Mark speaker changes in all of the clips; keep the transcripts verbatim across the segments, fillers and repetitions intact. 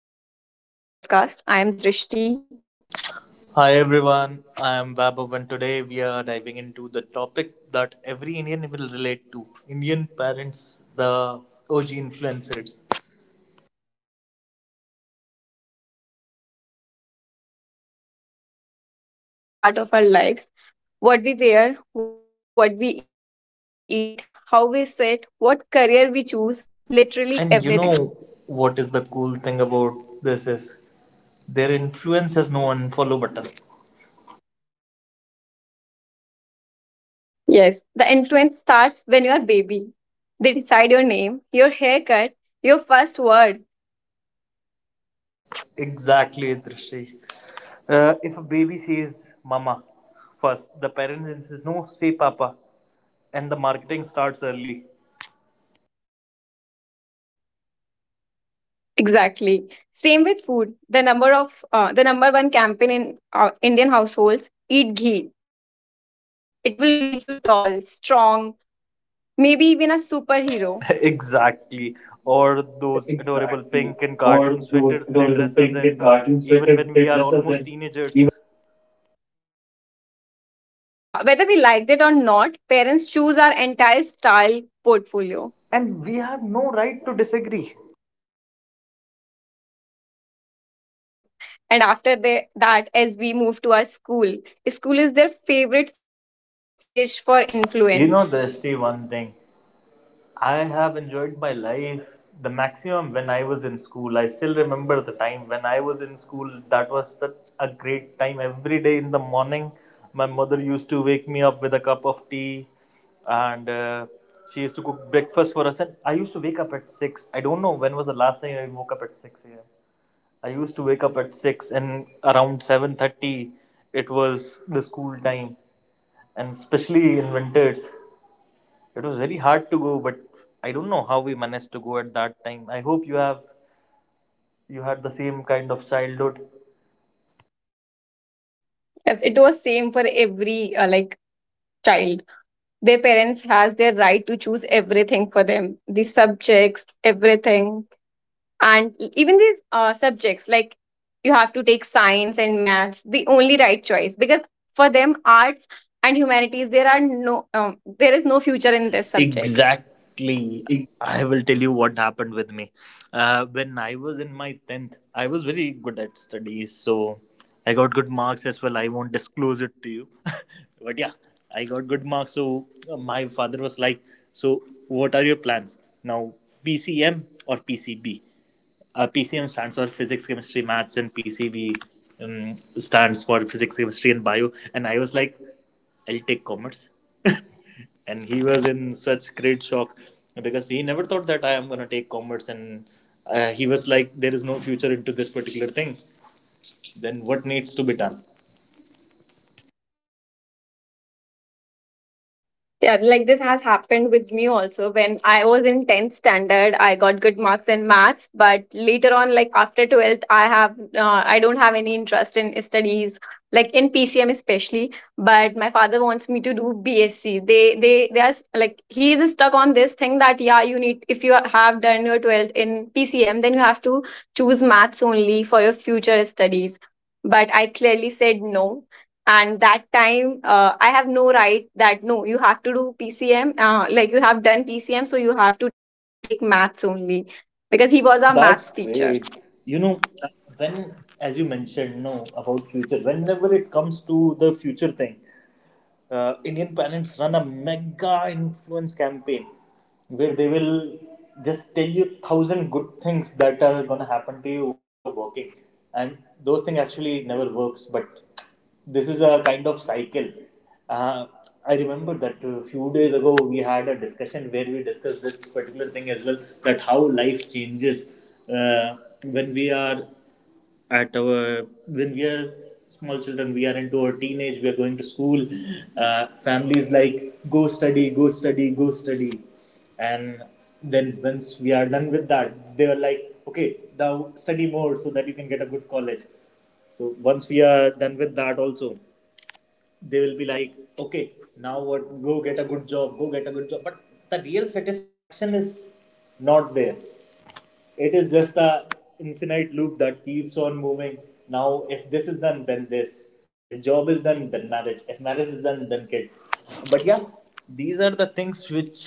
Speaker 1: everyone. Welcome back to another episode of our podcast. I am
Speaker 2: Hi
Speaker 1: Drishti.
Speaker 2: everyone, I am Vaibhav and today we are diving into the topic that every Indian will relate to Indian parents, the O G influencers.
Speaker 1: Yes, long before social media influencers existed, our parents were already influencing every part of our lives: what we wear, what we eat, how we sit, what career we choose, literally everything.
Speaker 2: And you know what is the cool thing about this is their influence has no unfollow button.
Speaker 1: Yes, the influence starts when you are baby. They decide your name, your haircut, your first word.
Speaker 2: Exactly, Drishti. Uh, if a baby says mama first, the parents insist no, say papa, and the marketing starts early.
Speaker 1: Exactly. Same with food. The number of uh, the number one campaign in uh, Indian households: eat ghee. It will make you tall, strong, maybe even a superhero.
Speaker 2: Exactly. Or those
Speaker 1: Exactly.
Speaker 2: adorable pink
Speaker 1: Or
Speaker 2: and
Speaker 1: those
Speaker 2: cartoon
Speaker 1: adorable
Speaker 2: sweaters they
Speaker 1: things
Speaker 2: dress
Speaker 1: in
Speaker 2: us in,
Speaker 1: cartoon such as they
Speaker 2: even when
Speaker 1: dress
Speaker 2: we
Speaker 1: us
Speaker 2: are
Speaker 1: in.
Speaker 2: almost
Speaker 1: Even.
Speaker 2: teenagers.
Speaker 1: Yeah, whether we liked it or not, parents choose our entire style portfolio.
Speaker 2: And we have no right to disagree.
Speaker 1: Yes. And after they, that, as we move to our school, school is their favorite stage for influence.
Speaker 2: You know, there's one thing. I have enjoyed my life the maximum when I was in school. I still remember the time when I was in school. That was such a great time. Every day in the morning, my mother used to wake me up with a cup of tea and uh, she used to cook breakfast for us. And I used to wake up at six. I don't know when was the last time I woke up at six a m. I used to wake up at six and around seven thirty it was the school time, and especially in winters it was very hard to go, but I don't know how we managed to go at that time. I hope you have you had the same kind of childhood.
Speaker 1: Yes, it was same for every uh, like child. Their parents has their right to choose everything for them, the subjects, everything, and even these uh, subjects like you have to take science and maths, the only right choice because for them arts and humanities there are no um, there is no future in these subjects.
Speaker 2: Exactly. I will tell you what happened with me. Uh, when I was in my tenth, I was very good at studies, so I got good marks as well. I won't disclose it to you. But yeah, I got good marks. So uh, my father was like, so, what are your plans? Now, P C M or P C B? Uh, P C M stands for physics, chemistry, maths, and P C B um, stands for physics, chemistry, and bio. And I was like, I'll take commerce. And he was in such great shock because he never thought that I am going to take commerce. And uh, he was like, there is no future into this particular thing. Then what needs to be done?
Speaker 1: Yeah, like this has happened with me also. When I was in tenth standard, I got good marks in maths, but later on, like after twelfth, I have uh, I don't have any interest in studies, like in P C M especially. But my father wants me to do BSc. They they they are s- like he is stuck on this thing that yeah, you need if you have done your twelfth in P C M, then you have to choose maths only for your future studies. But I clearly said no, and that time uh, I have no right that no, you have to do PCM, uh, like you have done PCM, so you have to take maths only because he was our
Speaker 2: That's
Speaker 1: maths teacher.
Speaker 2: great. You know, when, as you mentioned, no, about future, whenever it comes to the future thing, uh, Indian parents run a mega influence campaign where they will just tell you thousand good things that are gonna happen to you once you're working, and those things actually never works. But this is a kind of cycle. Uh, I remember that a few days ago we had a discussion where we discussed this particular thing as well, that how life changes uh, when we are at our when we are small children, we are into our teenage, we are going to school. Uh, families like, go study, go study, go study. And then once we are done with that, they were like, okay, now study more so that you can get a good college. So once we are done with that also, they will be like, okay, now what, go get a good job, go get a good job. But the real satisfaction is not there. It is just a infinite loop that keeps on moving. Now if this is done then this, if job is done then marriage, if marriage is done then kids. But yeah,
Speaker 1: Kids.
Speaker 2: these are the
Speaker 1: But
Speaker 2: things
Speaker 1: yeah,
Speaker 2: which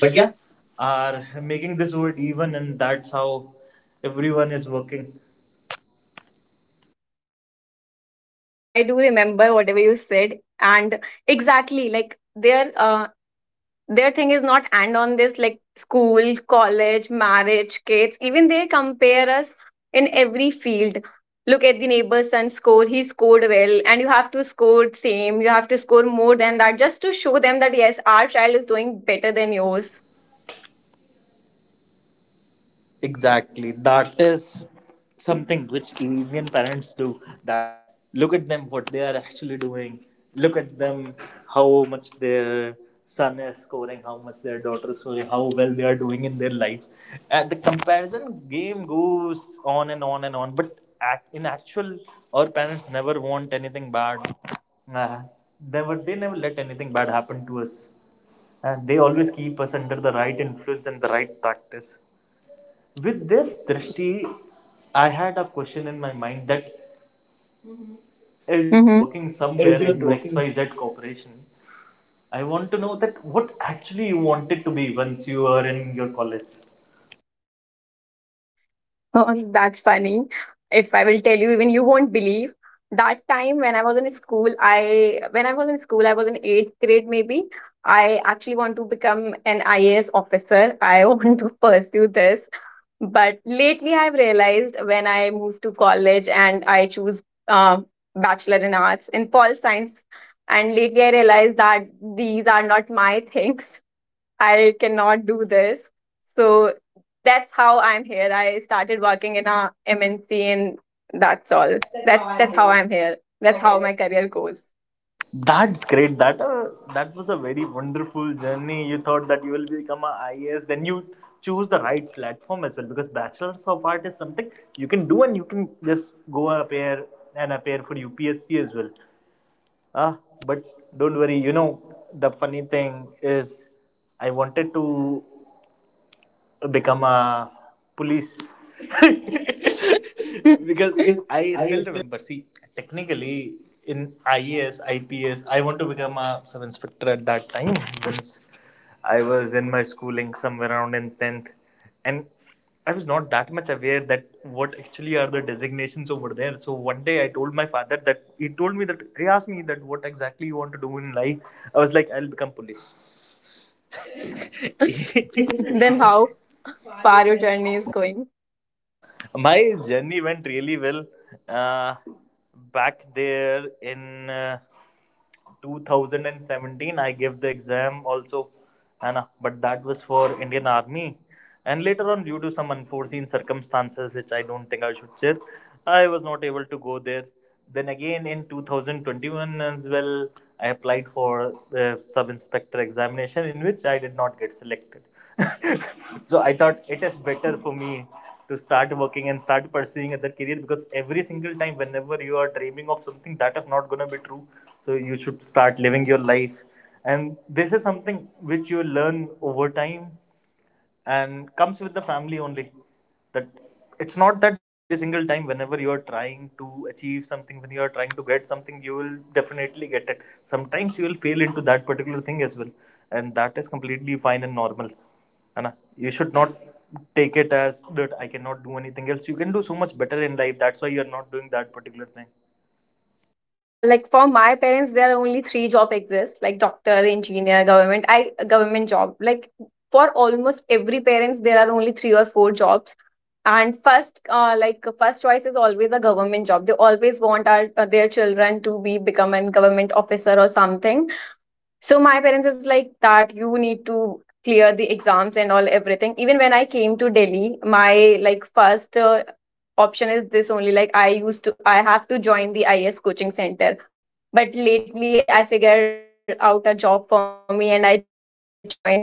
Speaker 2: are making this world even, and that's how everyone is working.
Speaker 1: yes, I do remember whatever you said, and exactly like there uh, their thing is not and on this, like school, college, marriage, kids. Even they compare us in every field. Look at the neighbor's son score, he scored well and you have to score same, you have to score more than that just to show them that yes, our child is doing better than yours.
Speaker 2: Exactly. That is something which Indian parents do, that look at them what they are actually doing. Look at them how much their son is scoring, how much their daughter is scoring, how well they are doing in their lives. And the comparison game goes on and on and on. But ac- in actual, our parents never want anything bad. Uh, never, they never let anything bad happen to us. And they always keep us under the right influence and the right practice. With this Drishti, I had a question in my mind, that as you're
Speaker 1: Mm-hmm.
Speaker 2: working somewhere into X Y Z corporation, I want to know that what actually you wanted to be once you were in your college.
Speaker 1: Oh, that's funny. If I will tell you, even you won't believe. That time when I was in school, I when I was in school, I was in eighth grade maybe. I actually want to become an I A S officer. I want to pursue this. But lately, I've realized when I moved to college and I choose uh, bachelor in arts in Pol Science, and lately I realized that these are not my things. I cannot do this. So that's how I'm here. I started working in a M N C and that's
Speaker 2: That's,
Speaker 1: all.
Speaker 2: that's how
Speaker 1: That's
Speaker 2: I'm
Speaker 1: that's
Speaker 2: here.
Speaker 1: how I'm here.
Speaker 2: How my
Speaker 1: That's
Speaker 2: career.
Speaker 1: how my career goes.
Speaker 2: That's great. That uh, that was a very wonderful journey. You thought that you will become an I a I A S, then you choose the right platform as well, because bachelor's of art is something you can do and you can just go appear and appear for U P S C as well. Ah, but don't worry, you know, the funny thing is I wanted to become a police because I still remember. See, technically in I A S, I P S, I P S, I want to become a sub inspector at that time. Once I was in my schooling somewhere around in tenth, and I was not that much aware that what actually are the designations over there. So one day I told my father that he told me that he asked me that what exactly you want to do in life. I was like, I'll become police.
Speaker 1: Then how far your journey is going.
Speaker 2: My journey went really well uh, back there in uh, two thousand seventeen. I gave the exam also, anna, but that was for Indian army, and later on due to some unforeseen circumstances which I don't think I should share, I was not able to go there. Then again in two thousand twenty-one as well I applied for the sub inspector examination, in which I did not get selected. So I thought it is better for me to start working and start pursuing other career, because every single time whenever you are dreaming of something that is not going to be true, so you should start living your life. And this is something which you learn over time and comes with the family only, that it's not that the, every single time whenever you are trying to achieve something, when you are trying to get something, you will definitely get it. Sometimes you will fail into that particular thing as well, and that is completely fine and normal, है ना. You should not take it as that I cannot do anything else. You can do so much better in life, that's why you are not doing that particular thing.
Speaker 1: Yeah, like for my parents, there are only three job exist, like doctor, engineer, government. I government job. Like for almost every parents, there are only three or four jobs. And first, uh, like first choice is always a government job. They always want our, uh, their children to be become a government officer or something. So my parents is like that you need to clear the exams and all everything. Even when I came to Delhi, my like first uh, option is this only, like I used to I have to join the I S coaching center. But lately I figured out a job for me and I joined here. then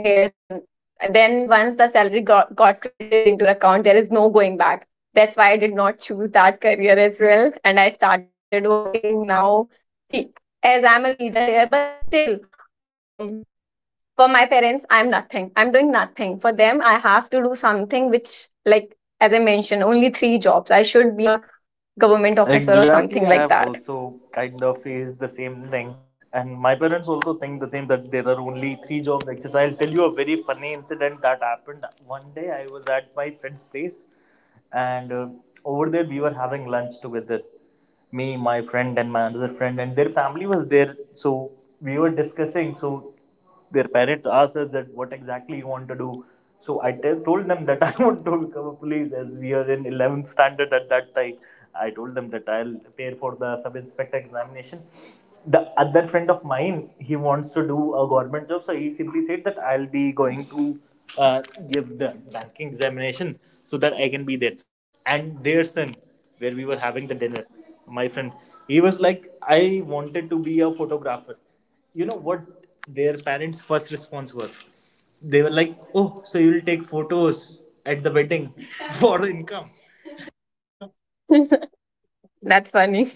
Speaker 1: then once the salary got, got credited into your account, there is no going back. That's why I did not choose that career as well and I started working now. See, as I'm a leader here but still, um for my parents I'm nothing, I'm doing nothing for them. I have to do something which, like as I mentioned, only three jobs, I should be a government officer or
Speaker 2: Exactly, I
Speaker 1: something
Speaker 2: have
Speaker 1: like that.
Speaker 2: also kind of faced the same thing. And my parents also think the same, that there are only three jobs exercise. I'll tell you a very funny incident that happened. One day I was at my friend's place and uh, over there we were having lunch together, me, my friend and my another friend, and their family was there. So we were discussing, so their parents asked us that what exactly you want to do. So I tell told them that I want to become a police, as we are in eleventh standard at that time. I told them that I'll prepare for the sub inspector examination. The other friend of mine, he wants to do a government job, so he simply said that I'll be going to uh, give the banking examination so that I can be there. And their son, where we were having the dinner, my friend, he was like, I wanted to be a photographer. You know what their parents first response was? They were like, oh, so you'll take photos at the wedding for
Speaker 1: At the
Speaker 2: income.
Speaker 1: that's funny.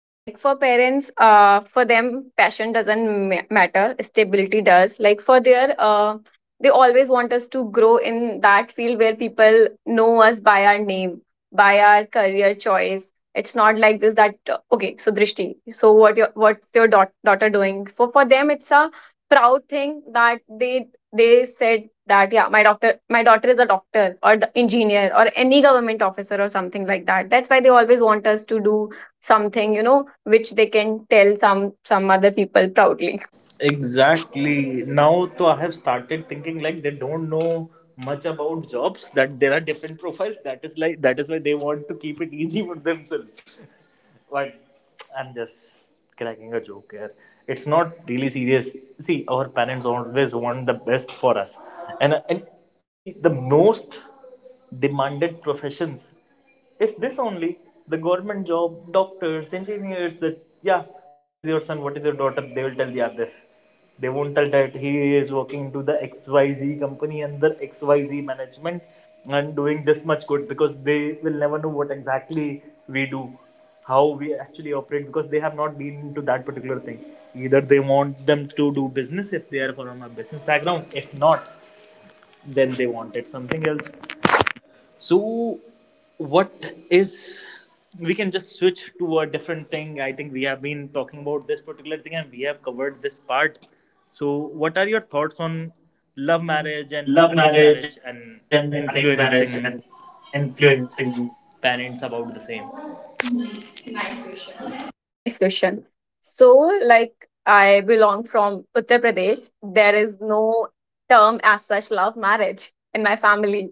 Speaker 1: Yeah, like for parents, uh for them, passion doesn't ma- matter, stability does. Like for their uh they always want us to grow in that field where people know us by our name, by our career choice. It's not like this that uh, okay, so Drishti, so what your what's your daugh- daughter doing. For for them it's a proud thing that they they said that yeah, my doctor my daughter is a doctor, or the engineer, or any government officer or something like that. That's why they always want us to do something you know which they can tell some some other people proudly.
Speaker 2: Exactly. Now, so I have started thinking like they don't know much about jobs. That there are different profiles. That is like that is why they want to keep it easy for themselves. But I'm just cracking a joke here. It's not really serious. See, our parents always want the best for us, and and see the most demanded professions, it's this only, the government job, doctors, engineers. That yeah, what is your son? What is your daughter? They will tell the others. They won't tell that he is working to the X Y Z company under X Y Z management and doing this much good, because they will never know what exactly we do, how we actually operate, because they have not been into that particular thing. Either they want them to do business if they are from a business background, if not, then they wanted something else. So, what is, we can just switch to a different thing. I think we have been talking about this particular thing and we have covered this part. So, what are your thoughts on love
Speaker 1: Um,
Speaker 2: marriage and
Speaker 1: Love
Speaker 2: arranged
Speaker 1: marriage
Speaker 2: marriage
Speaker 1: and
Speaker 2: and
Speaker 1: arranged marriage and
Speaker 2: influencing
Speaker 1: influencing
Speaker 2: parents about the same?
Speaker 1: parents about.
Speaker 2: Nice vision.
Speaker 1: Nice question. So, like, I belong from Uttar Pradesh. There is no term as such love marriage in my family.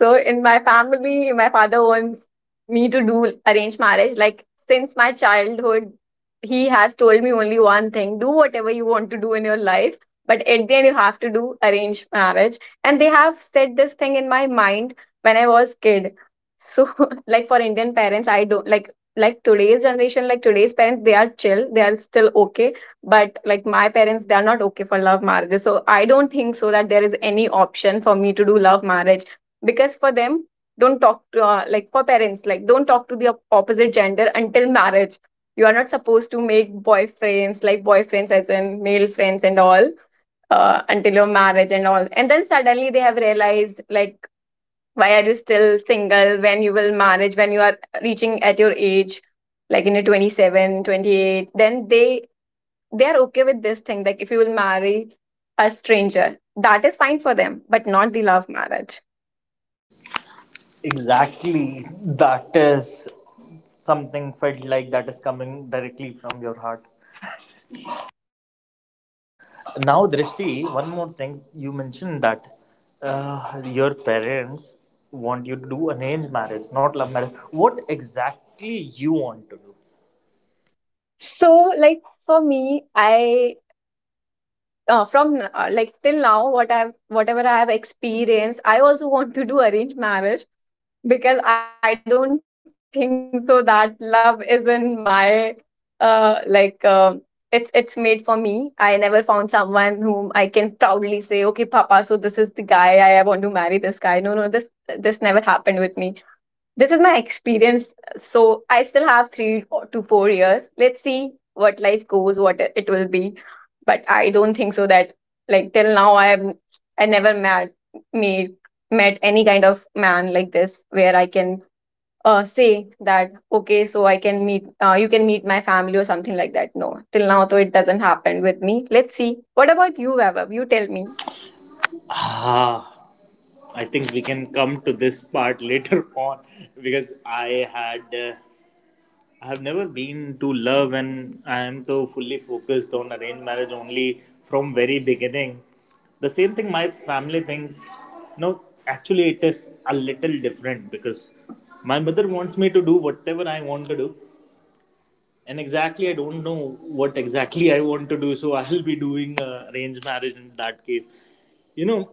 Speaker 1: So in my family, my father wants me to do arranged marriage. Like since my childhood, he has told me only one thing: do whatever you want to do in your life, but at the end, you have to do arranged marriage. And they have said this thing in my mind when I was kid. So like for Indian parents, I don't like like today's generation, like today's parents, they are chill, they are still okay, but like my parents, they are not okay for love marriage. So I don't think so that there is any option for me to do love marriage, because for them, don't talk to uh, like for parents, like, don't talk to the op- opposite gender until marriage. You are not supposed to make boyfriends, like boyfriends as in male friends and all, uh, until your marriage and all. And then suddenly they have realized, like, why are you still single, when you will marriage, when you are reaching at your age, like in your twenty-seven, twenty-eight. Then they they are okay with this thing, like if you will marry a stranger, that is fine for them, but not the love marriage.
Speaker 2: Exactly. That is something felt like that is coming directly from your heart. Now, Drishti, one more thing. You mentioned that uh, your parents want you to do arranged marriage, not love marriage. What exactly you want to do?
Speaker 1: So, like, for me, i uh, from, uh, like, till now, what i've whatever i have experienced, I also want to do arranged marriage, because I don't think so that love is in my, uh like, um it's it's made for me. I never found someone whom I can proudly say, okay, papa, so this is the guy i I want to marry this guy. No, no, this this never happened with me. This is my experience. So I still have three to four years. Let's see what life goes, what it it will be. But I don't think so that, like, till now I have I never met made met any kind of man like this where I can uh say that okay, so I can meet uh, you can meet my family or something like that. No. Till now though it doesn't happen with me. Let's see. What about you, Vaibhav? You tell me.
Speaker 2: Ah, I think we can come to this part later on because I had uh, I have never been to love, and I am so fully focused on arranged marriage only from very beginning. The same thing my family thinks. No, actually, it is a little different because my mother wants me to do whatever I want to do, and exactly I don't know what exactly I want to do, so I'll be doing uh, arranged marriage in that case. You know,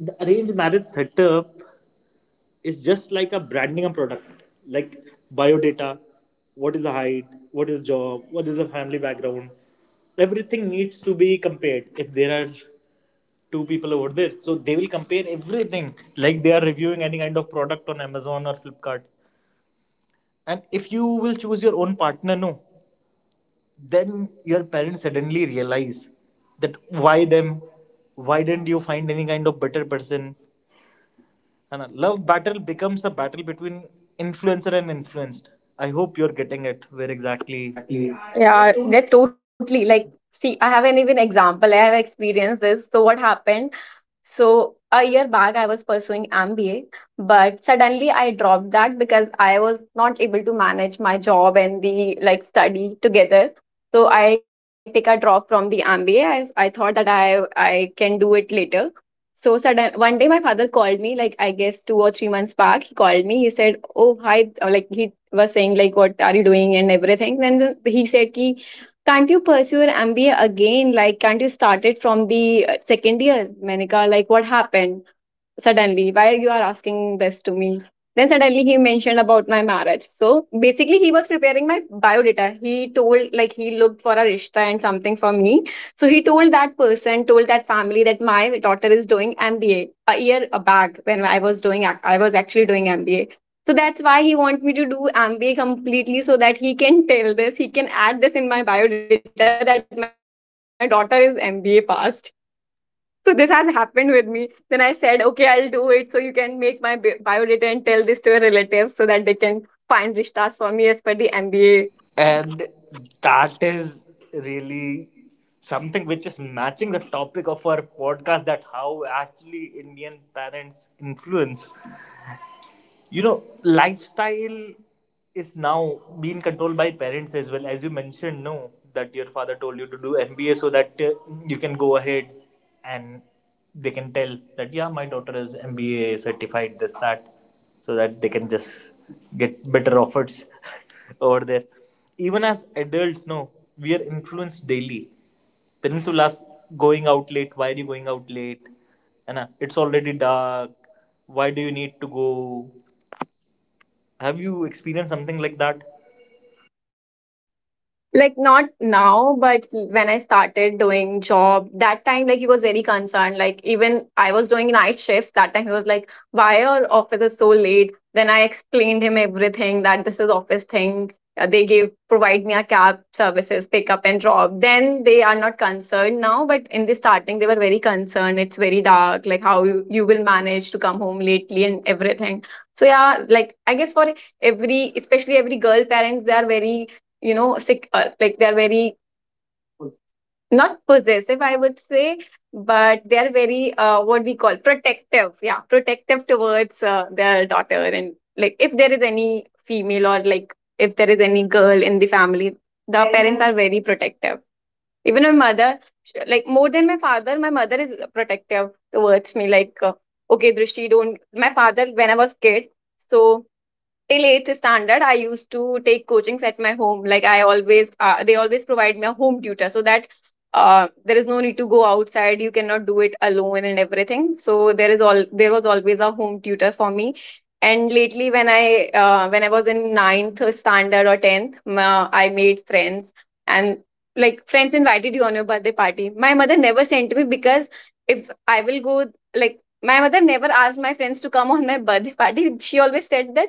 Speaker 2: the arranged marriage setup, it's just like a branding a product, like biodata: what is the height, what is job, what is the family background. Everything needs to be compared if there are two people over there, so they will compare everything like they are reviewing any kind of product on Amazon or Flipkart. And if you will choose your own partner, no, then your parents suddenly realize that why them, why didn't you find any kind of better person. Anna, love battle becomes a battle between influencer and influenced. I hope you're getting it. Where exactly?
Speaker 1: Well, exactly. Yeah, they're totally like, see, I have an even example. I have experienced this. So, what happened? So, a year back, I was pursuing M B A, but suddenly I dropped that because I was not able to manage my job and the like study together. So, I take a drop from the M B A. I, I thought that I I can do it later. So sudden one day my father called me, like I guess two or three months back, he called me, he said, oh hi, uh, like, he was saying like, what are you doing and everything, then the- he said ki, can't you pursue your MBA again, like, can't you start it from the uh, second year, Manika, like what happened, suddenly why you are asking this to me. Then suddenly he mentioned about my marriage. So basically he was preparing my biodata, he told, like he looked for a rishta and something for me. So he told that person, told that family, that my daughter is doing MBA. A a year back when i was doing ac- i was actually doing MBA, so that's why he want me to do MBA completely, so that he can tell this, he can add this in my biodata, that my daughter is MBA passed. So this has happened with me. Then I said, okay, I'll do it. So you can make my bi- biodata and tell this to your relatives so that they can find rishtas for me as per the M B A.
Speaker 2: And that is really something which is matching the topic of our podcast, that how actually Indian parents influence. You know, lifestyle is now being controlled by parents as well, as you mentioned, no, that your father told you to do MBA so that uh, you can go ahead and they can tell that yeah, my daughter is MBA certified, this that, so that they can just get better offers over there. Even as adults, no, we are influenced daily. Parents will ask, going out late, why are you going out late and it's already dark, why do you need to go? Have you experienced something like that?
Speaker 1: Like, not now, but when I started doing job that time, like, he was very concerned. Like, even I was doing night shifts that time, he was like, why your office is so late? Then I explained him everything, that this is office thing. Uh, they give provide me a cab services, pick up and drop. Then they are not concerned now, but in the starting they were very concerned, it's very dark, like, how you, you will manage to come home lately and everything. So yeah, like I guess for every, especially every girl parents, they are very, you know sick, uh, like, they're very not possessive, I would say, but they're very, uh, what we call, protective. Yeah, protective towards, uh, their daughter. And like, if there is any female, or like, if there is any girl in the family, the parents are very protective. Even my mother, sh- like, more than my father, my mother is protective towards me. Like, uh, okay, Drishti, don't. My father, when I was kid, so... Till eighth standard, I used to take coachings at my home. Like, I always, uh, they always provide me a home tutor so that uh, there is no need to go outside. You cannot do it alone and everything. So there is all there was always a home tutor for me. And lately, when I uh, when I was in ninth standard or tenth, ma I made friends. And like, friends invited you on your birthday party. My mother never sent me because if I will go. Like, my mother never asked my friends to come on my birthday party. She always said that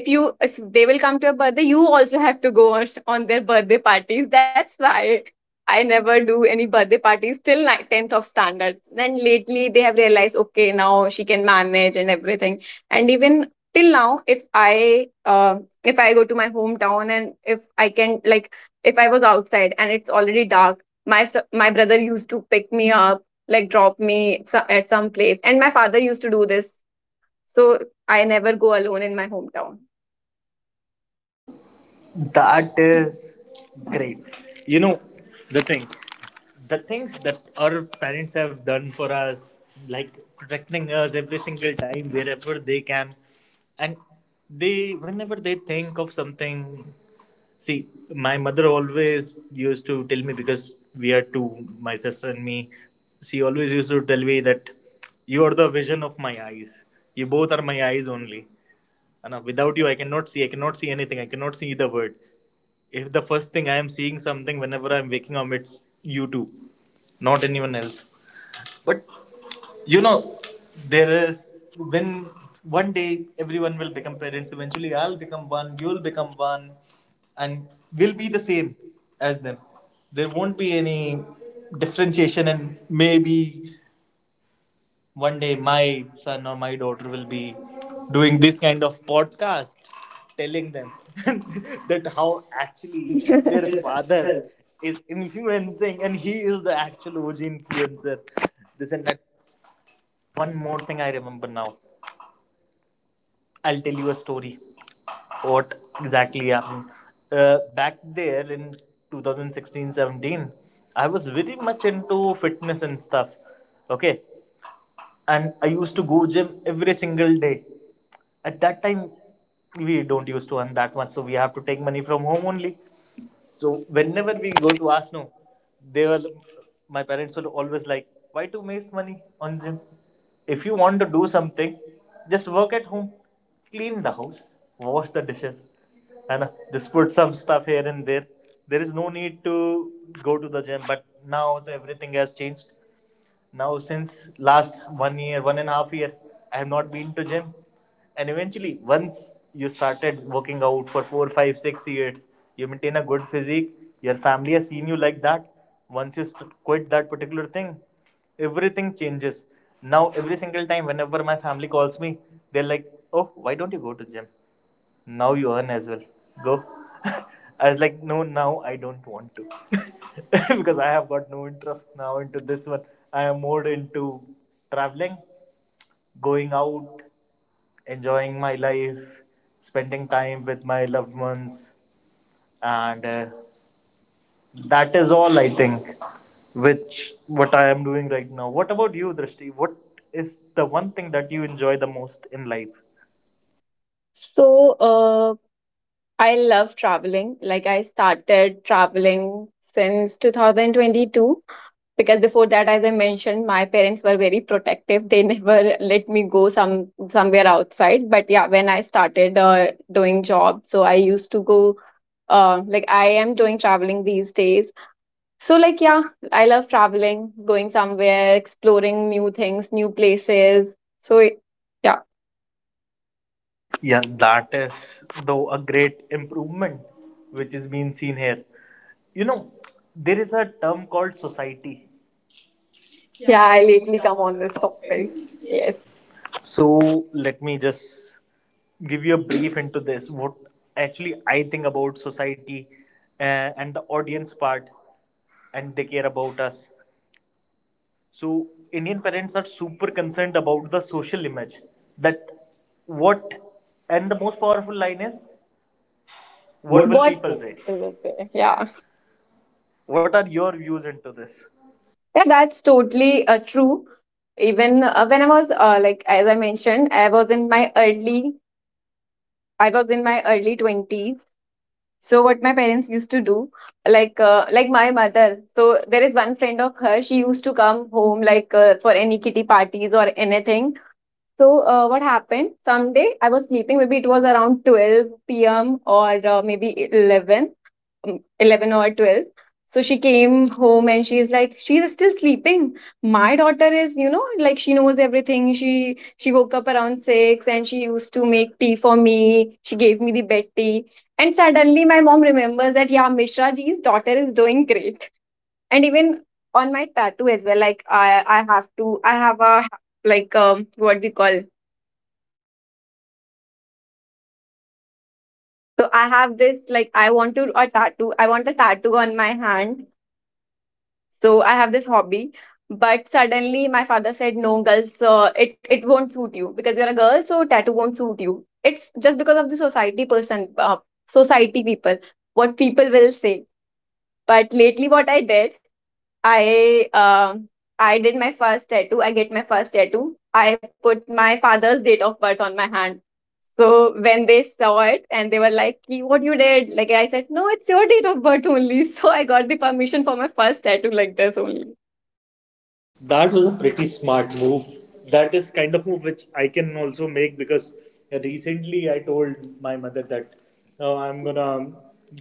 Speaker 1: if you if they will come to your birthday, you also have to go on, on their birthday parties. That's why I never do any birthday parties till like tenth of standard. Then lately they have realized, okay, now she can manage and everything. And even till now, if i uh, if I go to my hometown, and if I can, like, if I was outside and it's already dark, my fr- my brother used to pick me up, like, drop me so- at some place, and my father used to do this. So I never go alone in my hometown.
Speaker 2: That is great. You know, the thing, the things that our parents have done for us, like protecting us every single time wherever they can, and they, whenever they think of something, see, my mother always used to tell me, because we are two, my sister and me, she always used to tell me that you are the vision of my eyes. You both are my eyes only. And uh, without you, I cannot see. I cannot see anything. I cannot see the word. If the first thing I am seeing something whenever I'm waking up, it's you two, not anyone else. But you know, there is, when one day everyone will become parents. Eventually, I'll become one. You'll become one, and we'll be the same as them. There won't be any differentiation, and maybe one day my son or my daughter will be doing this kind of podcast, telling them that how actually their father is influencing and he is the actual O G influencer. This and that. One more thing I remember now. I'll tell you a story. What exactly happened. Uh, back there in twenty sixteen seventeen, I was very much into fitness and stuff. Okay. And I used to go gym every single day. At that time, we don't used to earn that much, so we have to take money from home only. So whenever we go to Asno, they were my parents were always like, "Why to waste money on gym? If you want to do something, just work at home, clean the house, wash the dishes, and uh, just put some stuff here and there. There is no need to go to the gym." But now the, everything has changed. Now since last one year, one and a half year, I have not been to gym. And eventually, once you started working out for four, five, six years, you maintain a good physique. Your family has seen you like that. Once you st- quit that particular thing, everything changes. Now every single time, whenever my family calls me, they're like, "Oh, why don't you go to gym? Now you earn as well. Go." I was like, no, now I don't want to. Because I have got no interest now into this one. I am more into traveling, going out, enjoying my life, spending time with my loved ones. And uh, that is all, I think, which what I am doing right now. What about you, Drishti? What is the one thing that you enjoy the most in life?
Speaker 1: So, uh, I love traveling. Like, I started traveling since two thousand twenty-two, because before that, as I mentioned, my parents were very protective. They never let me go some somewhere outside. But yeah, when I started uh, doing job, so I used to go. Uh, like, I am doing traveling these days. So like, yeah, I love traveling, going somewhere, exploring new things, new places. So yeah.
Speaker 2: Yeah, that is though a great improvement which is being seen here. You know, there is a term called society. Yeah,
Speaker 1: Yeah,
Speaker 2: I
Speaker 1: I
Speaker 2: lately
Speaker 1: lately
Speaker 2: come
Speaker 1: come
Speaker 2: on
Speaker 1: on
Speaker 2: this
Speaker 1: this topic.
Speaker 2: topic.
Speaker 1: Yes.
Speaker 2: Yes. So let me just give you a brief into this. What actually I think about society uh, and the audience part, and they care about us. So Indian parents are super concerned about the social image. That what, and the most powerful line is, what
Speaker 1: What do
Speaker 2: will
Speaker 1: What
Speaker 2: people
Speaker 1: people say?
Speaker 2: say?
Speaker 1: People say? Yeah.
Speaker 2: What are your views into this?
Speaker 1: Yeah, that's totally uh, true. Even uh, when I was uh, like, as I mentioned, I was in my early I was in my early twenties. So what my parents used to do, like, uh, like, my mother. So there is one friend of her, she used to come home, like, uh, for any kitty parties or anything. So uh, what happened? Someday I was sleeping. Maybe it was around twelve p m or uh, maybe eleven, um, eleven or twelve. So she came home and she is like, she's still sleeping. My daughter is, you know, like, she knows everything. She she woke up around six and she used to make tea for me. She gave me the bed tea. And suddenly my mom remembers that, yeah, Mishra ji's daughter is doing great. And even on my tattoo as well, like I I have to I have a like um what we call. So I have this, like, I want to a tattoo. I want a tattoo on my hand. So I have this hobby, but suddenly my father said, "No, girls, uh, it it won't suit you, because you're a girl, so tattoo won't suit you. It's just because of the society person, uh, society people, what people will say." But lately, what I did, I um I did my first tattoo. I get my first tattoo. I put my father's date of birth on my hand. So when they saw it, and they were like, "Ki, what you did?" Like, I said, "No, it's your date of birth only." So I got the permission for my first tattoo like this only.
Speaker 2: That was a pretty smart move. That is kind of move which I can also make because recently I told my mother that, oh, I'm gonna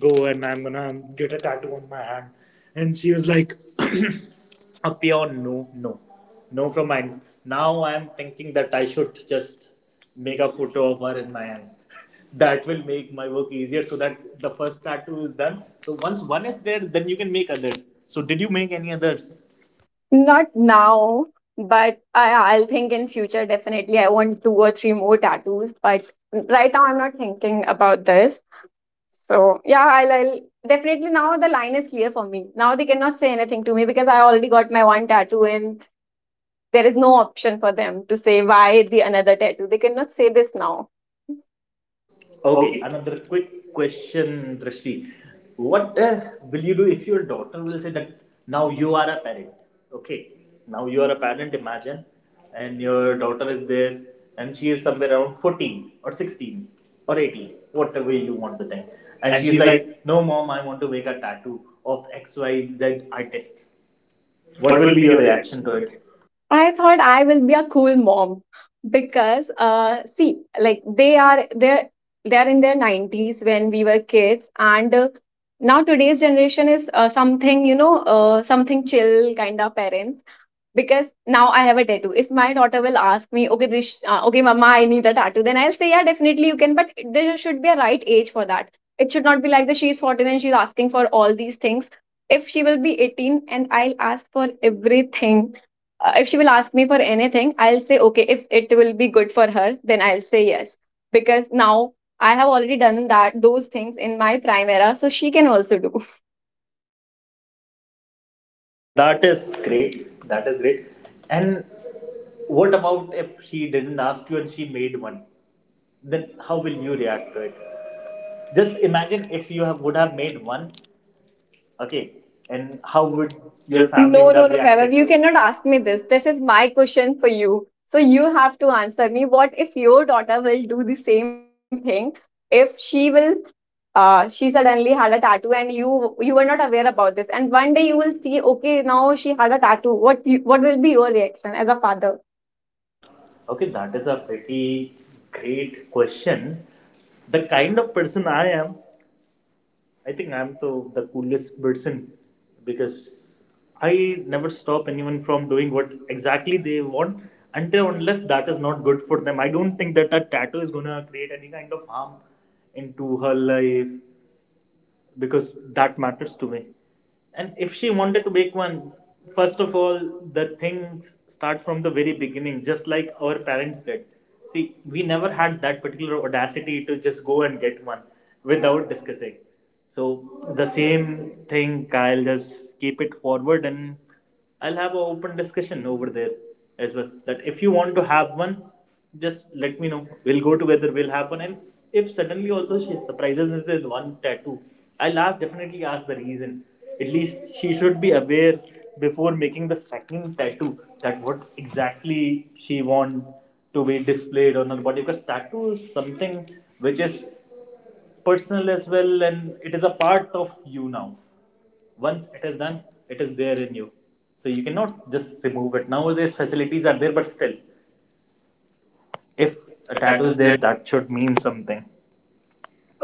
Speaker 2: go and I'm gonna get a tattoo on my hand, and she was like, "A pure no, no, no from mine." Now I'm thinking that I should just make a photo of her in my hand. That will make my work easier so that the first tattoo is done. So once one is there, then you can make others. So did you make any others?
Speaker 1: Not now, but I I'll think in future, definitely I want two or three more tattoos. But right now I'm not thinking about this. So yeah, I'll, I'll definitely, now the line is clear for me. Now they cannot say anything to me because I already got my one tattoo, and there is no option for them to say why the another tattoo. They cannot say this now.
Speaker 2: Okay,
Speaker 1: Okay.
Speaker 2: another quick question, Drashti. What uh, will you do if your daughter will say that, now you are a parent? Okay, now you are a parent, imagine, and your daughter is there and she is somewhere around fourteen or sixteen or eighteen, whatever you want to think. And
Speaker 1: And
Speaker 2: she is
Speaker 1: she's like,
Speaker 2: like, "No, mom, I want to make a tattoo of X Y Z artist." What
Speaker 1: what
Speaker 2: will
Speaker 1: will
Speaker 2: be
Speaker 1: be
Speaker 2: your
Speaker 1: your
Speaker 2: reaction
Speaker 1: reaction
Speaker 2: to
Speaker 1: to
Speaker 2: it?
Speaker 1: it? I thought I will be a cool mom, because uh see, like, they are they're they're in their nineties when we were kids. And uh, now today's generation is, uh, something, you know uh, something chill kind of parents. Because now I have a tattoo. If my daughter will ask me, okay, Drish, uh, okay, mama, I need a tattoo, then I'll say, yeah, definitely you can, but there should be a right age for that. It should not be like that she's fourteen and she's asking for all these things. If she will be eighteen and I'll ask for everything, uh, if she will ask me for anything, I'll say okay, if it will be good for her, then I'll say yes. Because now I have already done that those things in my prime era, so she can also do.
Speaker 2: That is great. That is great. And what about if she didn't ask you and she made one? Then how will you react to it? Just imagine, if you have would have made one, okay, and how
Speaker 1: Oh,
Speaker 2: would
Speaker 1: but
Speaker 2: your
Speaker 1: your family-
Speaker 2: family
Speaker 1: no,
Speaker 2: would
Speaker 1: no,
Speaker 2: have
Speaker 1: no, Vaibhav,
Speaker 2: reacted to
Speaker 1: you
Speaker 2: it. You cannot
Speaker 1: cannot ask
Speaker 2: ask me
Speaker 1: me
Speaker 2: this.
Speaker 1: this.
Speaker 2: this.
Speaker 1: This is my question for you, so you have to answer me, what if your daughter will do the same thing? If she will, uh, she suddenly had a tattoo, and you you were not aware about this, and one day you will see, okay, now she had a tattoo. What you, what will be your reaction as a father?
Speaker 2: Okay, that is a pretty great question. The kind of person I am, I think I'm the, the coolest person, because I never stop anyone from doing what exactly they want, until unless that is not good for them. I don't think that a tattoo is going to create any kind of harm into her life, because that matters to me. And if she wanted to make one, first of all, the things start from the very beginning, just like our parents did. See, we never had that particular audacity to just go and get one without discussing. So the same thing, Kyle, just keep it forward and I'll have an open discussion over there as well. That if you want to have one, just let me know. We'll go together. We'll have one. And if suddenly also she surprises me with one tattoo, I'll ask, definitely ask the reason. At least she should be aware before making the second tattoo that what exactly she want to be displayed on her body, because tattoo is something which is personal as well, and it is a part of you now. Once it is done, it is there in you. So you cannot just remove it. Nowadays facilities are there, but still,
Speaker 1: If
Speaker 2: if a
Speaker 1: the
Speaker 2: tattoo is
Speaker 1: tattoos there.
Speaker 2: there, that should mean something.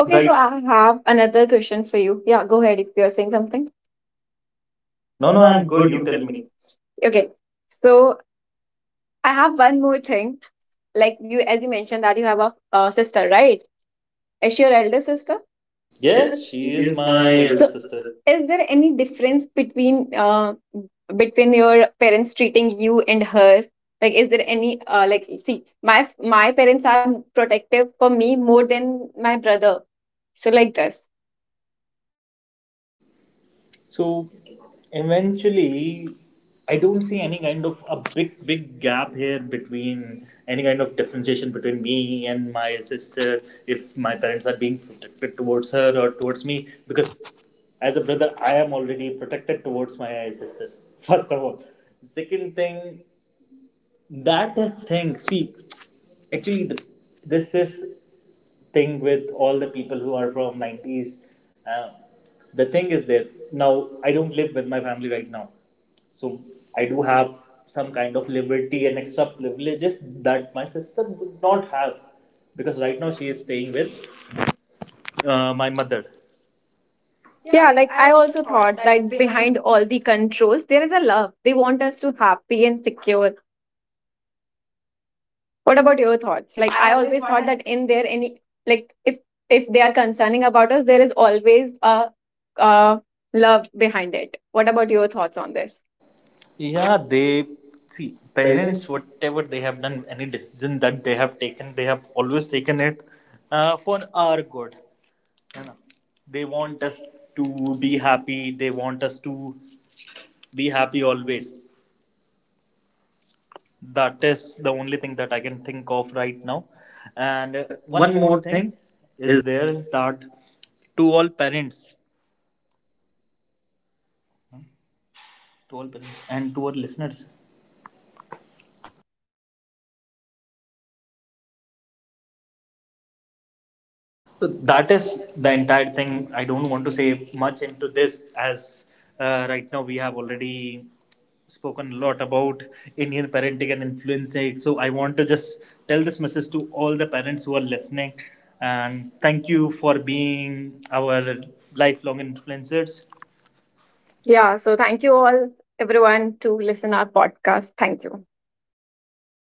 Speaker 1: Okay, so
Speaker 2: right.
Speaker 1: I have another question for you. Yeah, go ahead if you're saying something.
Speaker 2: No,
Speaker 1: No,
Speaker 2: no,
Speaker 1: no,
Speaker 2: I'm
Speaker 1: I'm
Speaker 2: good.
Speaker 1: good.
Speaker 2: You
Speaker 1: You
Speaker 2: tell
Speaker 1: tell
Speaker 2: me.
Speaker 1: me. Okay, so I have one more thing. Like you, as you mentioned that you have a uh, sister, right? Is she your elder sister?
Speaker 2: Yes,
Speaker 1: Yes, she
Speaker 2: she is
Speaker 1: is
Speaker 2: my
Speaker 1: my
Speaker 2: elder
Speaker 1: So,
Speaker 2: so,
Speaker 1: elder So,
Speaker 2: sister.
Speaker 1: sister. Is there any difference between uh, between your parents treating you and her? Like, is there any, uh, like, see, my my parents are protective for me more than my brother. So like this.
Speaker 2: So eventually, I don't see any kind of a big, big gap here, between any kind of differentiation between me and my sister, if my parents are being protected towards her or towards me, because as a brother, I am already protected towards my sister, first of all. Second thing, that thing. See, actually, the, this is thing with all the people who are from nineties. Uh, the thing is that now I don't live with my family right now. So I do have some kind of liberty and extra privileges that my sister would not have, because right now she is staying with uh, my mother. Yeah,
Speaker 1: Yeah,
Speaker 2: like
Speaker 1: like
Speaker 2: I
Speaker 1: I
Speaker 2: also
Speaker 1: also
Speaker 2: thought
Speaker 1: thought
Speaker 2: that
Speaker 1: that
Speaker 2: behind,
Speaker 1: behind all the controls, there is a love. They want us to happy and secure. What about your thoughts?
Speaker 2: like
Speaker 1: Like,
Speaker 2: I
Speaker 1: I
Speaker 2: always
Speaker 1: always
Speaker 2: thought
Speaker 1: thought
Speaker 2: that,
Speaker 1: that in there any like if if they are concerning about us, there is always a, a love behind it. What about your thoughts on this?
Speaker 2: yeah,
Speaker 1: Yeah,
Speaker 2: they, see, parents,
Speaker 1: parents.
Speaker 2: whatever they have done, any decision that they have taken, they have always taken it uh, for our good. You know, they want us to be happy. They want us to be happy always. That is the only thing that I can think of right now. And
Speaker 1: And
Speaker 2: uh,
Speaker 1: uh,
Speaker 2: one
Speaker 1: one
Speaker 2: more
Speaker 1: more
Speaker 2: thing
Speaker 1: thing is...
Speaker 2: is there, is that, to all parents, to all parents, and to all listeners, so that is the entire thing. I don't want to say much into this, as uh, right now we have already spoken a lot about Indian parenting and influencing. So I want to just tell this message to all the parents who are listening and thank you for being our lifelong influencers. Yeah,
Speaker 1: Yeah, so thank you all, everyone, to listen our podcast. Thank you.